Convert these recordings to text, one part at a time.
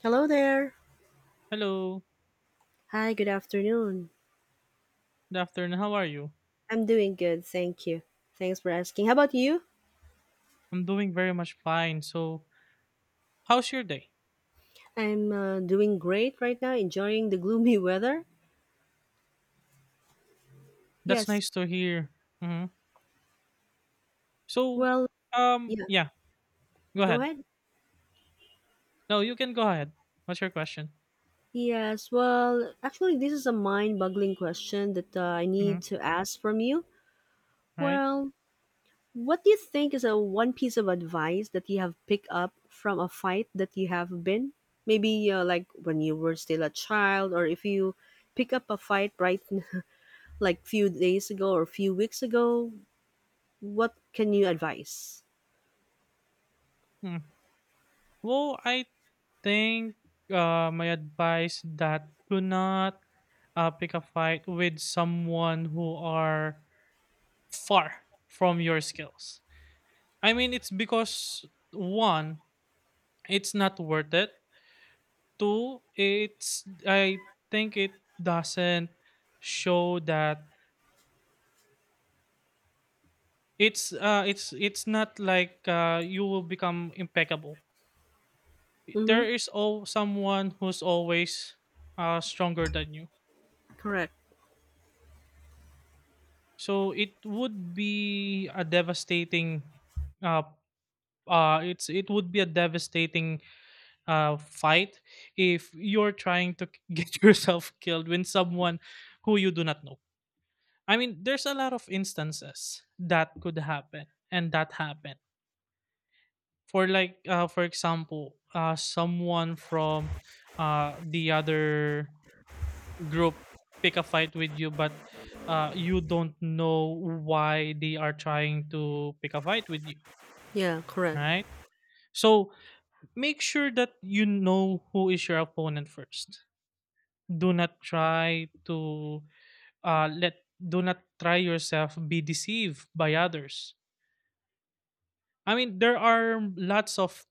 Hello there. Hello. Hi, good afternoon. Good afternoon. How are you? I'm doing good, thank you. Thanks for asking. How about you? I'm doing very much fine. So, how's your day? I'm doing great right now, enjoying the gloomy weather. That's Yes, nice to hear. Hmm. So, well, um, yeah, yeah, go go ahead. ahead. No, you can go ahead. What's your question? Yes, well, actually, this is a mind boggling question that I Mm-hmm. need to ask from you. Right? Well, what do you think is a one piece of advice that you have picked up from a fight that you have been? Maybe like when you were still a child, or if you pick up a fight, right, like few days ago or few weeks ago, what can you advise? Mm. Well, I think my advice that do not pick a fight with someone who are far from your skills. I mean, it's because one, it's not worth it. Two, it's I think it doesn't show that it's not like you will become impeccable. Mm-hmm. There is all someone who's always stronger than you. Correct. So it would be a devastating uh it would be a devastating fight if you're trying to get yourself killed when someone who you do not know. I mean, there's a lot of instances that could happen and that happen. For like, for example, someone from the other group pick a fight with you, but you don't know why they are trying to pick a fight with you, Yeah, correct. right? So make sure that you know who is your opponent first. Do not try to let do not try yourself be deceived by others. I mean, there are lots of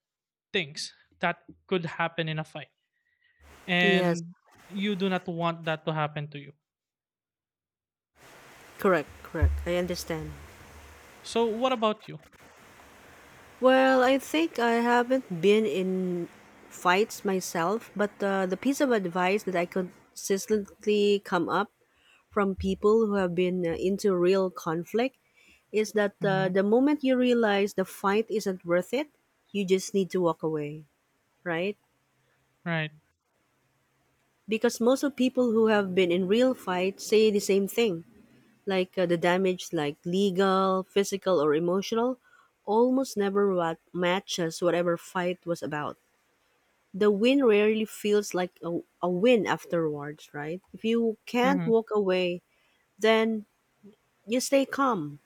things that could happen in a fight, Yes, and you do not want that to happen to you. correct, correct. I understand. So, what about you? Well, I think I haven't been in fights myself, but the piece of advice that I consistently come up from people who have been into real conflict is that Hmm. the moment you realize the fight isn't worth it, you just need to walk away, right? Right. Because most of people who have been in real fights say the same thing, like the damage, like legal, physical or emotional, almost never matches whatever fight was about. The win rarely feels like a win afterwards, right? If you can't Hmm. walk away, then you stay calm.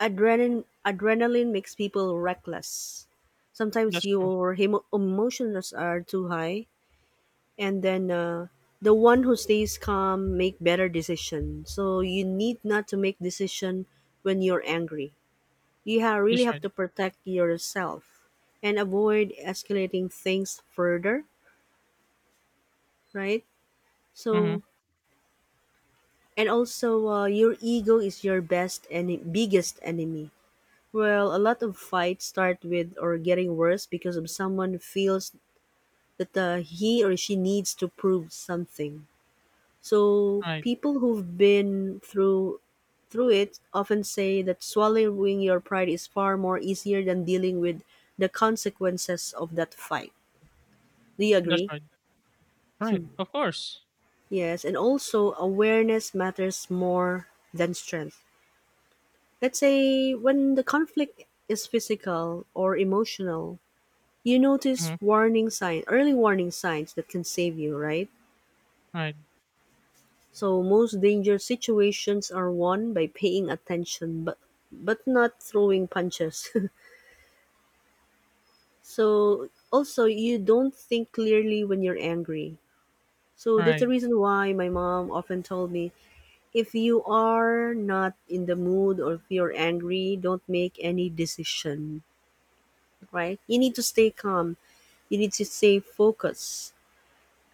Adrenaline makes people reckless. Sometimes That's true. your hemo emotions are too high, and then the one who stays calm make better decision, so you need not to make decision when you're angry. You really That's have right. to protect yourself and avoid escalating things further, right? Hmm. So, and also your ego is your best and biggest enemy. Well, a lot of fights start with or getting worse because of someone feels that he or she needs to prove something. So Right. people who've been through it often say that swallowing your pride is far more easier than dealing with the consequences of that fight. Do you That's agree? right. Right. Of course. Yes, and also awareness matters more than strength. Let's say when the conflict is physical or emotional, you notice Hmm. warning signs, early warning signs that can save you, right? Right. So most danger situations are won by paying attention, but not throwing punches. So also you don't think clearly when you're angry. So that's Right. the reason why my mom often told me, if you are not in the mood or if you're angry, don't make any decision, right? You need to stay calm. You need to stay focused,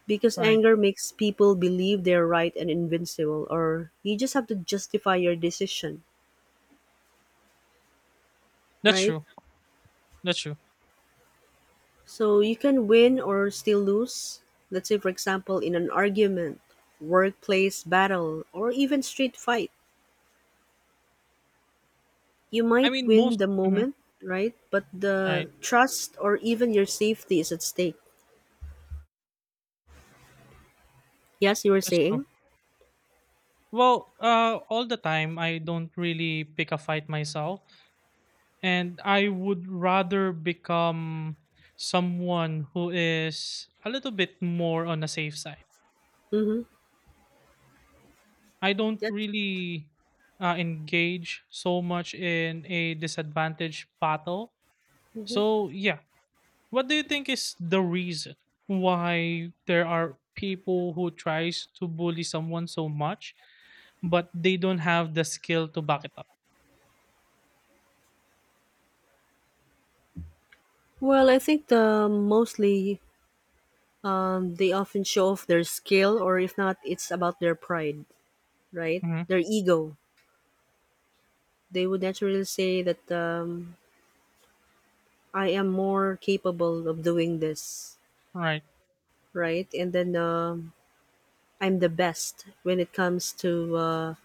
because Right. anger makes people believe they're right and invincible, or you just have to justify your decision, That's right? true. That's true. So you can win or still lose. Let's say, for example, in an argument, workplace battle, or even street fight. You I might mean, win most the mhm, moment, right? But the right. trust or even your safety is at stake. Yes, you were That's true. saying? Well, all the time, I don't really pick a fight myself. And I would rather become someone who is a little bit more on the safe side. Mm-hmm. I don't Yes. really engage so much in a disadvantage battle. Hmm. So, yeah, what do you think is the reason why there are people who tries to bully someone so much, but they don't have the skill to back it up? Well, I think the mostly they often show off their skill, or if not, it's about their pride, right? Hmm. Their ego. They would naturally say that I am more capable of doing this, Right. right? And then I'm the best when it comes to uh,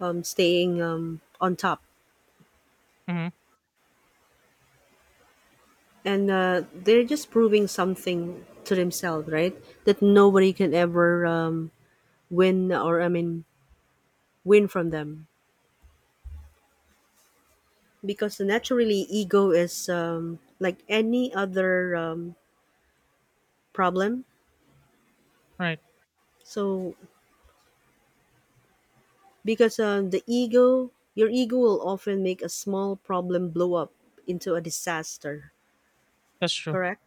um, staying on top. Hmm. And they're just proving something to themselves, right? That nobody can ever win I mean, win from them. Because naturally, ego is like any other problem. Right. So, because your ego will often make a small problem blow up into a disaster, That's true. correct?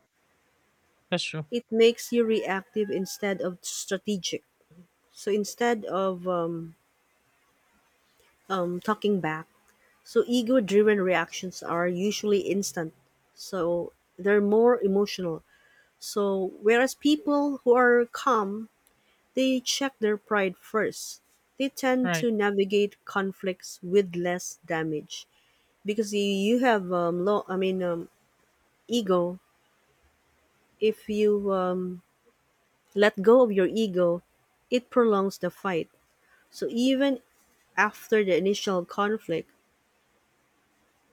That's true. It makes you reactive instead of strategic. So instead of talking back, so ego driven reactions are usually instant. So they're more emotional. So whereas people who are calm, they check their pride first. They tend Right. to navigate conflicts with less damage because you have low, I mean ego. If you let go of your ego, it prolongs the fight. So even after the initial conflict,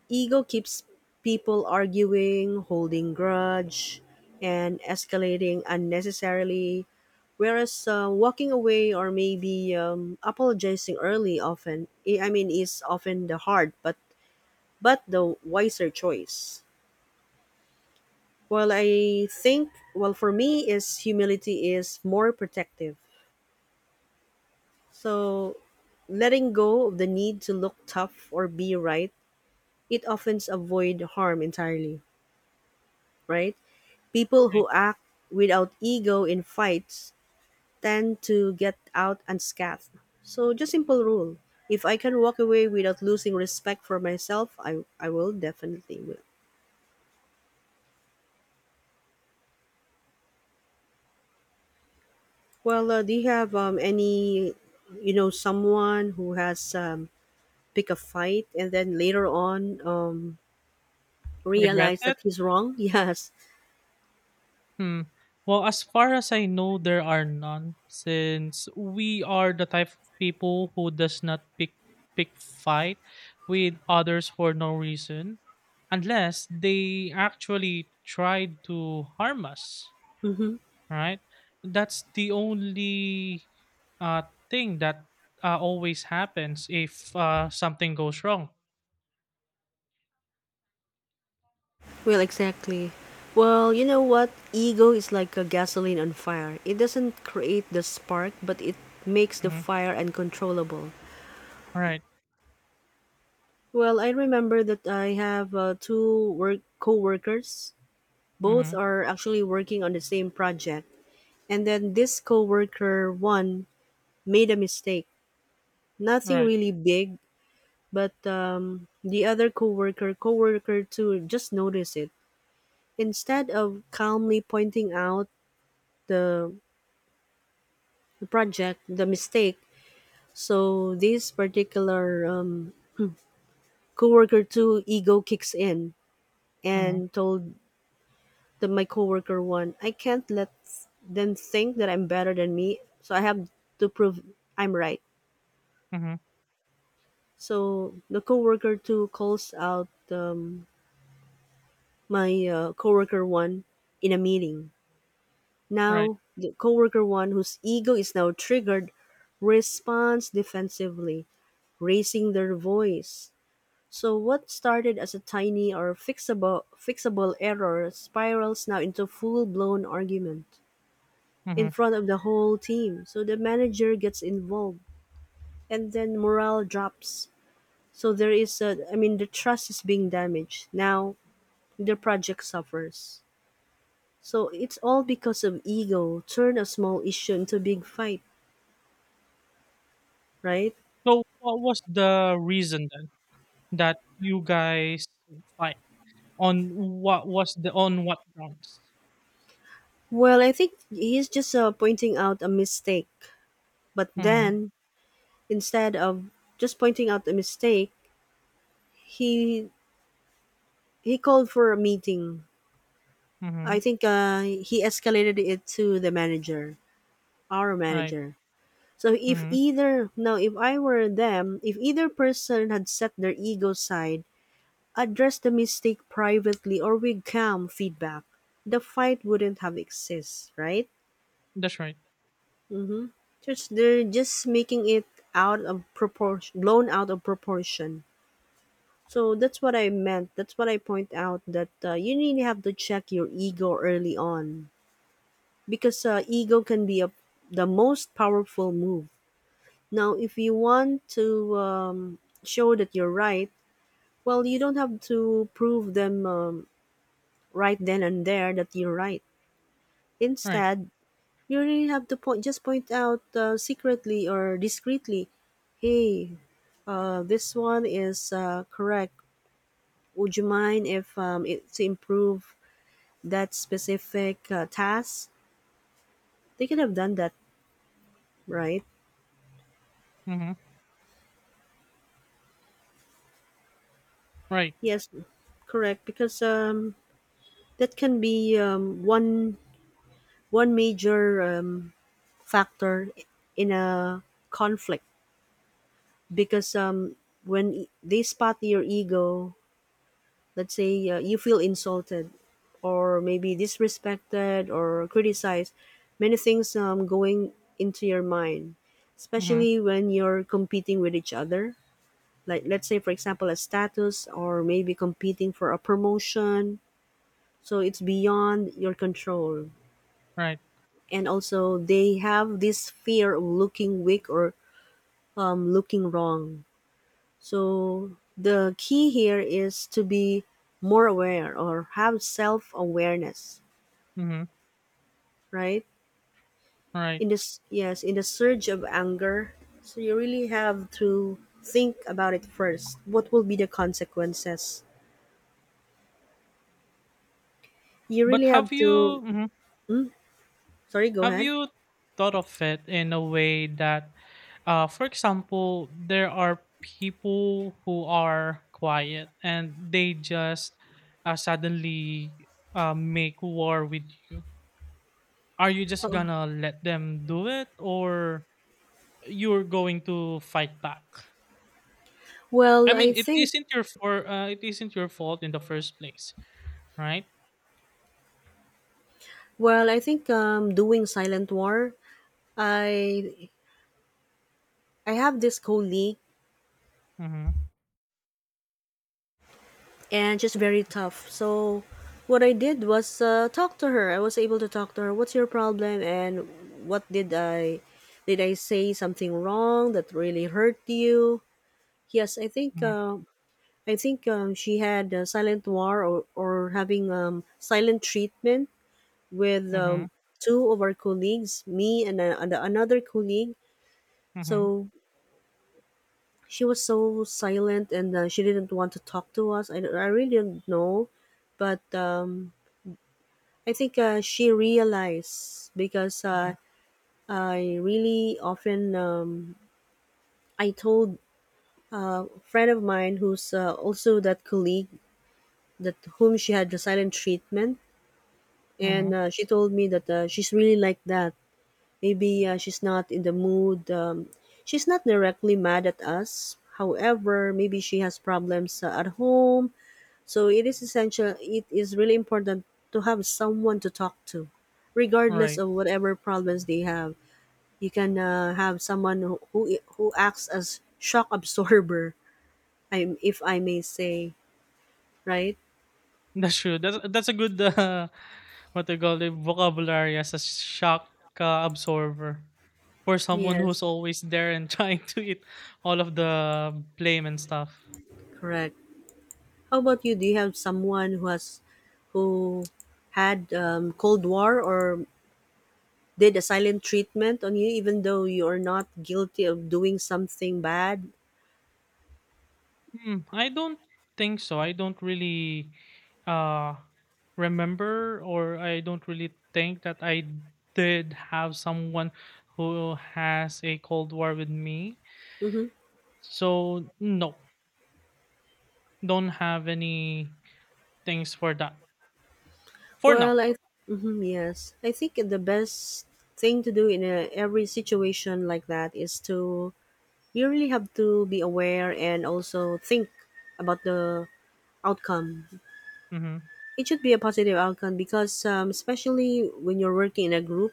ego keeps people arguing, holding grudge, and escalating unnecessarily. Whereas walking away or maybe apologizing early often, I mean, is often the hard but the wiser choice. Well, I think, well, for me is humility is more protective. So letting go of the need to look tough or be right, it often avoid harm entirely, right? People Right. who act without ego in fights tend to get out unscathed. So, just simple rule. If I can walk away without losing respect for myself, I will definitely will. Well, do you have any, someone who has pick a fight and then later on Regret realize it. that he's wrong? Yes. Hmm. Well, as far as I know, there are none since we are the type of people who does not pick fight with others for no reason unless they actually tried to harm us, Hmm. right? That's the only uh thing that always happens if something goes wrong. Well, exactly. Well, you know what? Ego is like a gasoline on fire. It doesn't create the spark, but it makes the Mhm. fire uncontrollable. Right. Well, I remember that I have two work co-workers. Both Mhm. are actually working on the same project. And then this co-worker one made a mistake. Nothing Right. really big, but the other co-worker two just noticed it. Instead of calmly pointing out the the mistake. So this particular coworker two ego kicks in Mhm. and told my coworker one, I can't let them think that I'm better than me. So I have to prove I'm right. Mhm. So the coworker two calls out my coworker one in a meeting. Right. Now the coworker one whose ego is now triggered responds defensively, raising their voice. So what started as a tiny or fixable error spirals now into full-blown argument in Mhm. front of the whole team. So the manager gets involved and then morale drops. So there is a I mean the trust is being damaged. Now the project suffers. So it's all because of ego turn a small issue into a big fight, right? So what was the reason then that you guys fight on? What was the On what grounds? Well, I think he's just pointing out a mistake. But Mhm. then, instead of just pointing out a mistake, He he called for a meeting. I Mhm. think he escalated it to the manager, our Right. manager. So if Mhm. either now if I were them, if either person had set their ego aside, addressed the mistake privately or with calm feedback, the fight wouldn't have exist, right? That's right. Mm-hmm. Just they're just making it out of proportion, blown out of proportion. So that's what I meant. That's what I point out that you really have to check your ego early on, because ego can be the most powerful move. Now, if you want to show that you're right, well, you don't have to prove them right then and there that you're right. Right. Instead, you really have to point just point out secretly or discreetly, hey, this one is correct. Would you mind if it's improved that specific task, they could have done that, right? Mhm. Right. Yes, correct. Because that can be one major factor in a conflict. Because when they spot your ego, let's say you feel insulted, or maybe disrespected, or criticized, many things going into your mind, Mhm. especially when you're competing with each other, like let's say for example a status or maybe competing for a promotion, so it's beyond your control. Right. And also they have this fear of looking weak or looking wrong. So the key here is to be more aware or have self-awareness, Mhm. right? Right. in this Yes, in the surge of anger, so you really have to think about it first what will be the consequences. You But really have have you, to mhm, Sorry, go have ahead. you thought of it in a way that for example there are people who are quiet and they just suddenly make war with you? Are you just gonna let them do it or you're going to fight back? Well, I I mean, think it isn't your fault in the first place, right? well, I think doing silent war, I I have this colleague Mm-hmm. and she's very tough. So what I did was talk to her. I was able to talk to her. What's your problem and what did I say something wrong that really hurt you? Yes, Mm-hmm. I think she had a silent war or having silent treatment with Mm-hmm. Two of our colleagues, me and another colleague. Mm-hmm. So she was so silent and she didn't want to talk to us. I really didn't know, but I think she realized because Mm-hmm. I really often I told a friend of mine who's also that colleague that whom she had the silent treatment, Mm-hmm. and she told me that she's really like that. Maybe she's not in the mood. She's not directly mad at us. However, maybe she has problems at home. So it is essential, it is really important to have someone to talk to, regardless Right. of whatever problems they have. You can have someone who acts as shock absorber, if I may say, right? That's true. That's a good what they call the vocabulary, as a shock absorber for someone Yes, who's always there and trying to eat all of the blame and stuff. correct. How about you? Do you have someone who had Cold War or did a silent treatment on you, even though you are not guilty of doing something bad? Hmm, I don't think so. I don't really uh remember or I don't really think that I did have someone who has a cold war with me. Mm-hmm. So no, don't have any things for that for Well, now. I mhm, yes, I think the best thing to do in every situation like that is to you really have to be aware and also think about the outcome. Mhm. It should be a positive outcome because especially when you're working in a group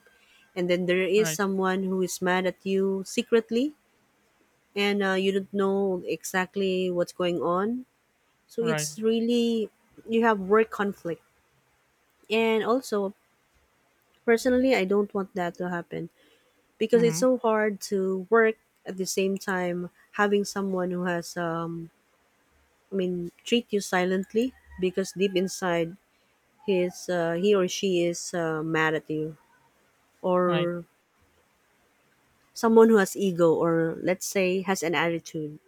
and then there is Right. someone who is mad at you secretly and you don't know exactly what's going on. So Right. it's really you have work conflict. And also personally I don't want that to happen because it's Mhm. so hard to work at the same time having someone who has I mean treat you silently because deep inside he or she is mad at you Right. or someone who has ego or let's say has an attitude.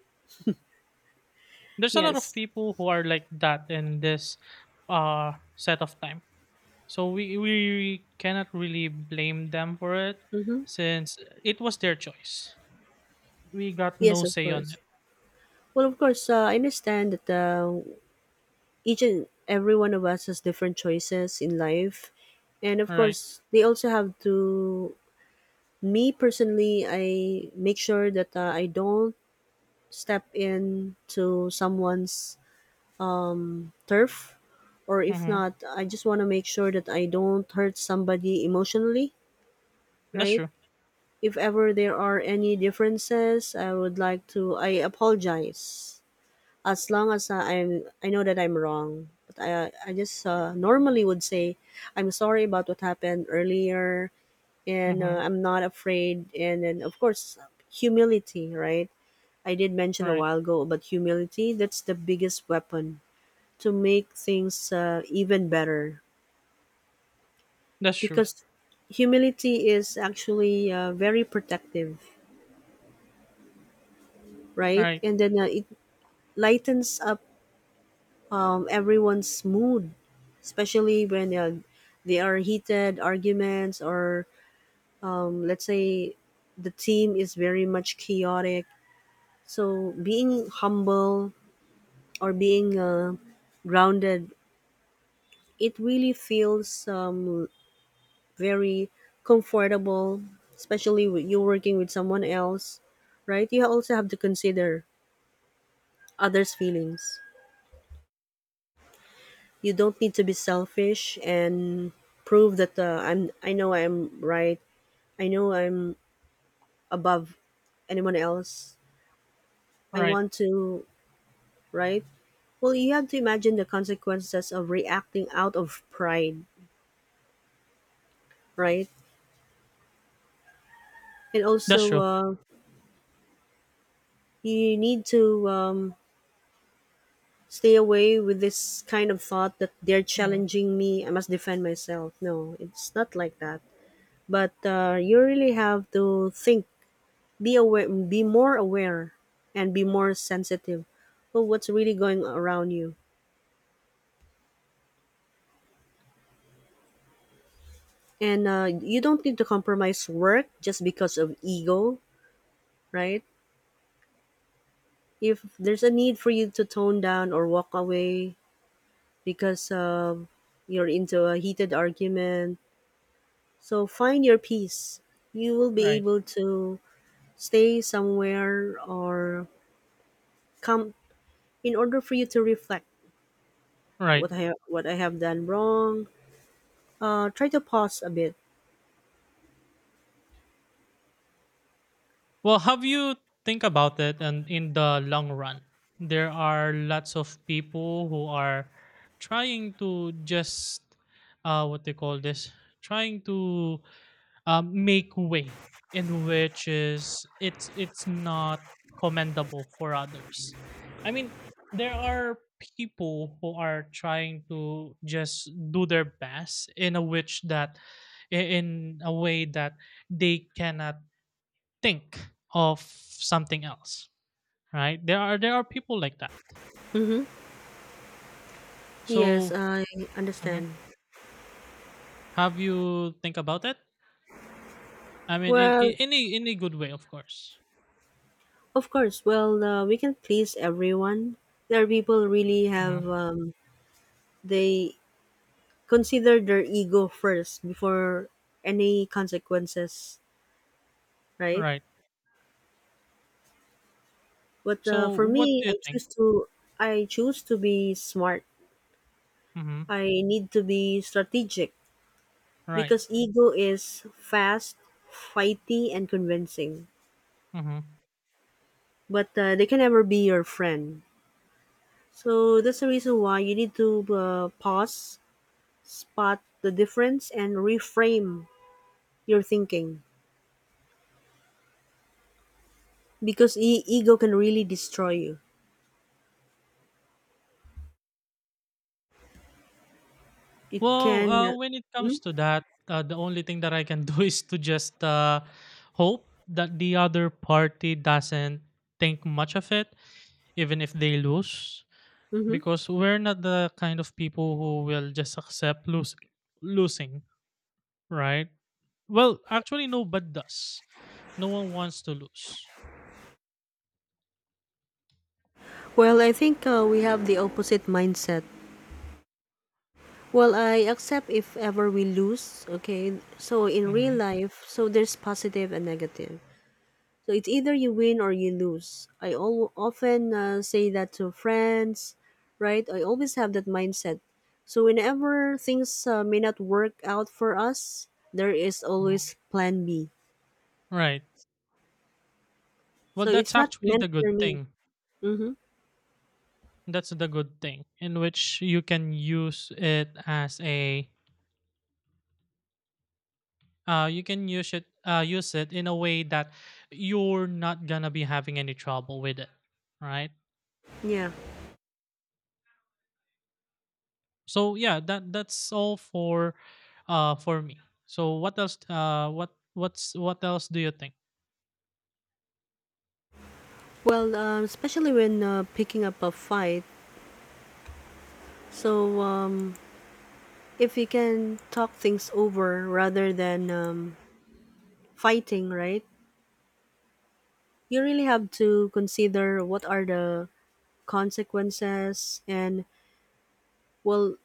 There's a lot of Yes. people who are like that in this set of time. So we cannot really blame them for it Mm-hmm. since it was their choice. We got Yes, no of say on course. it. Well, of course, I understand that each and every one of us has different choices in life, and of All right. course they also have to. Me personally, I make sure that I don't step into someone's turf, or if Mhm. not, I just want to make sure that I don't hurt somebody emotionally, That's right? true. If ever there are any differences, I would like to I apologize as long as I know that I'm wrong. But I just normally would say I'm sorry about what happened earlier, and Mhm. I'm not afraid. And then, of course, humility, right? I did mention a Right. while ago about humility. That's the biggest weapon to make things even better That's true. because humility is actually very protective, right? Right. And then it lightens up everyone's mood, especially when they are heated arguments or let's say the team is very much chaotic. So being humble or being grounded, it really feels very comfortable, especially with you working with someone else, right? You also have to consider others' feelings. You don't need to be selfish and prove that I know I'm right. I know I'm above anyone else. I Right. want to, right? Well, you have to imagine the consequences of reacting out of pride, right? And That's also, true. You need to um, stay away with this kind of thought that they're Mhm. challenging me, I must defend myself. No, it's not like that. But you really have to think, be aware, be more aware and be more sensitive to what's really going around you. And you don't need to compromise work just because of ego, right? If there's a need for you to tone down or walk away because of you're into a heated argument. So find your peace. You will be Right. able to stay somewhere or come in order for you to reflect Right. What I have done wrong. Try to pause a bit. Well, have you think about it, and in the long run, there are lots of people who are trying to just what they call this, trying to make way in which is it's not commendable for others. I mean, there are people who are trying to just do their best in a in a way that they cannot think of something else, right? There are people like that. Mm-hmm. Yes, So, I mhm, understand. have you think about it? I mean, Well, in any good way, of course. of course. Well, we can please everyone. There are people really have Mhm, they consider their ego first before any consequences, right? right. But So for what me, do you think? I choose to be smart. Mhm. I need to be strategic. Right. Because ego is fast, fighty, and convincing. Mhm. But they can never be your friend. So that's the reason why you need to pause, spot the difference, and reframe your thinking because ego can really destroy you. It Well, can. When it comes to that, the only thing that I can do is to just hope that the other party doesn't think much of it, even if they lose, Mm-hmm. because we're not the kind of people who will just accept losing. Losing, right? Well, actually, nobody does. No one wants to lose. Well, I think we have the opposite mindset. Well, I accept if ever we lose, okay? So in real Hmm. life, so there's positive and negative. So it's either you win or you lose. Often say that to friends, right? I always have that mindset. So whenever things may not work out for us, there is always plan B. Right. Well, So it's that's not actually meant the for good me. thing. Mm-hmm. That's the good thing, in which you can use it as a you can use it in a way that you're not gonna be having any trouble with it, right? Yeah. So yeah, that that's all for me. So what else, what else do you think? Well, especially when picking up a fight. So if you can talk things over rather than fighting, right? You really have to consider what are the consequences and well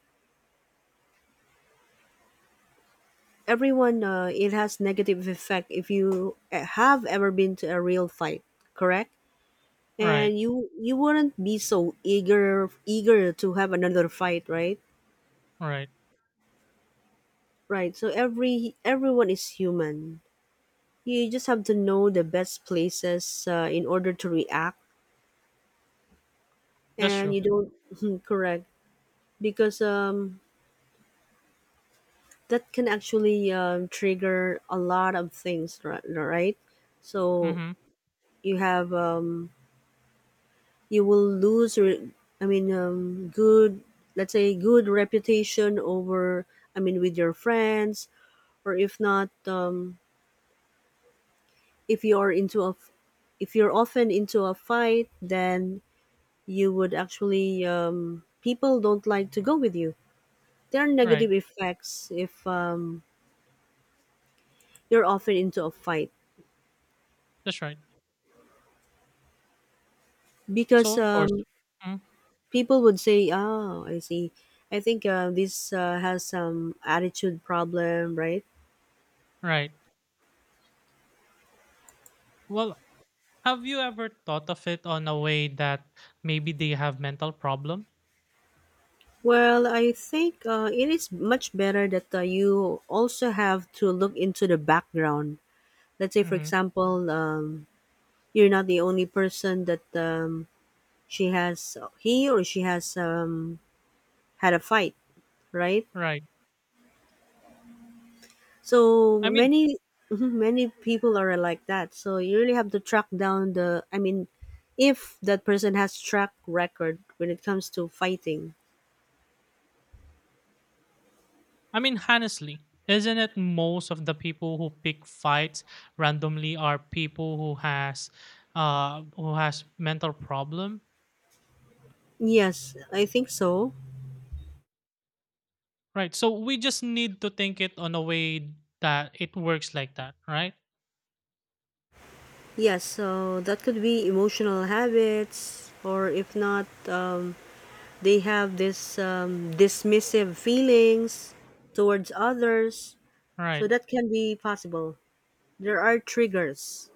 everyone it has negative effect if you have ever been to a real fight, correct? Right. And you wouldn't be so eager to have another fight, right? Right. Right. So everyone is human. You just have to know the best places in order to react, That's and true. you don't. Correct. Because that can actually trigger a lot of things, right? So Mm-hmm. you have you will lose I mean good, let's say good reputation over, I mean, with your friends. Or if not, if you are into if you're often into a fight, then you would actually people don't like to go with you. There are Right. negative effects if you're often into a fight That's right. because So of course, mm, people would say, oh, I see, I think this has some attitude problem, right? right. Well, have you ever thought of it on a way that maybe they have mental problem? Well, I think it is much better that you also have to look into the background. Let's say, for Mhm. example, you're not the only person that he or she has had a fight, right? Right. So I mean, many, mhm, many people are like that. So you really have to track down the. I mean, if that person has track record when it comes to fighting. I mean, honestly, isn't it most of the people who pick fights randomly are people who who has mental problem, Yes, I think so. right? So we just need to think it on a way that it works like that, right? Yes, so that could be emotional habits, or if not, they have this dismissive feelings towards others. So Right. that can be possible. There are triggers.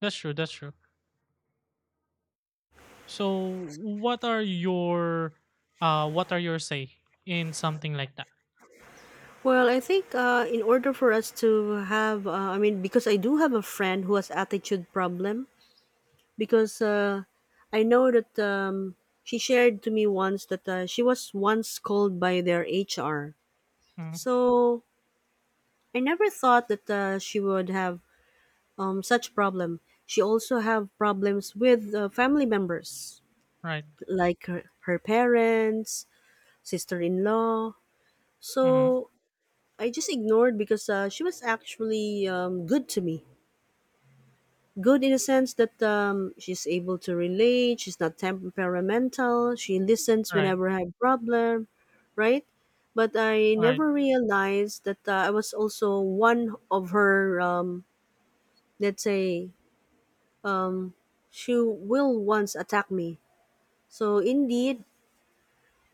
That's true. That's true. So what are your, what are your say in something like that? Well, I think in order for us to have, I mean, because I do have a friend who has attitude problem. Because I know that she shared to me once that she was once called by their HR. Mhm. So I never thought that she would have such problem. She also have problems with family members, Right. like her parents, sister-in-law. Mm-hmm. So I just ignored because she was actually good to me. Good in a sense that she's able to relate. She's not temperamental. She listens Right. whenever I have problem, right? But I Right. never realized that I was also one of her, let's say, um, she will once attack me. So indeed,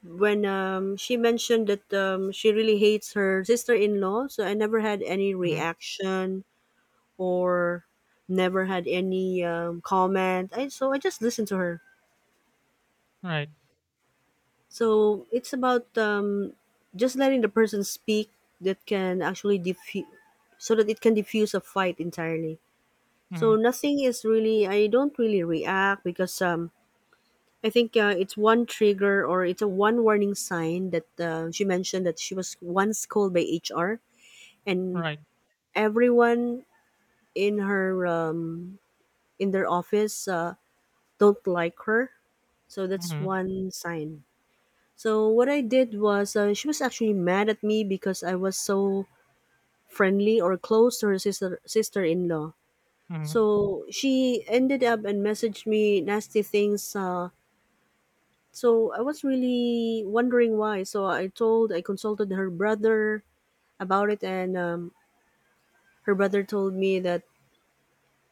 when she mentioned that she really hates her sister-in-law, so I never had any Mhm. reaction or never had any comment. So I just listened to her. Right. So it's about just letting the person speak that can actually diffuse, so that it can diffuse a fight entirely. So Mhm. nothing is really. I don't really react because I think it's one trigger or it's a one warning sign that she mentioned that she was once called by HR, and Right. everyone in her in their office don't like her. So that's Mhm. one sign. So what I did was she was actually mad at me because I was so friendly or close to her sister in law. Mhm. So she ended up and messaged me nasty things. So I was really wondering why. So I consulted her brother about it, and her brother told me that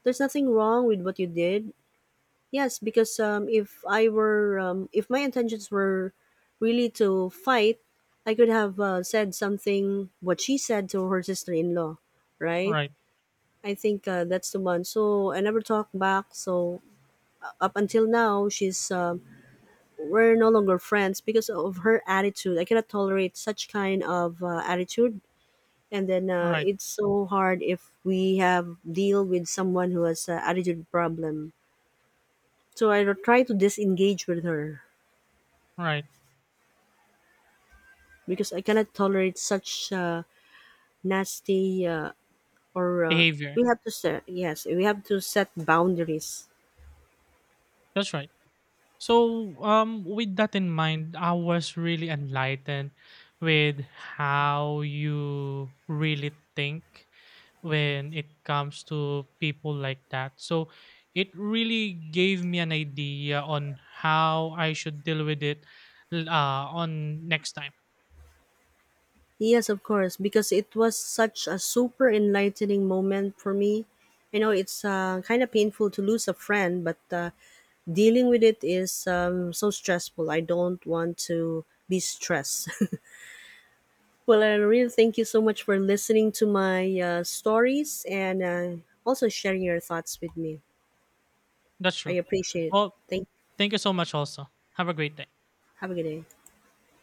there's nothing wrong with what you did. Yes, because if I were, if my intentions were really to fight, I could have said something, what she said to her sister in law, right? Right. I think that's the one. So I never talked back. So up until now, she's. We're no longer friends because of her attitude. I cannot tolerate such kind of attitude. And then Right. it's so hard if we have deal with someone who has attitude problem. So I don't try to disengage with her Right. because I cannot tolerate such nasty or Behavior. we have to set yes we have to set boundaries. That's right. So, with that in mind, I was really enlightened with how you really think when it comes to people like that. So, it really gave me an idea on how I should deal with it on next time. Yes, of course, because it was such a super enlightening moment for me. I know it's kind of painful to lose a friend, but dealing with it is so stressful. I don't want to be stressed. Well, I really thank you so much for listening to my stories and also sharing your thoughts with me. That's I true. appreciate it. Well, Thank. thank you so much, also. Have a great day. Have a good day.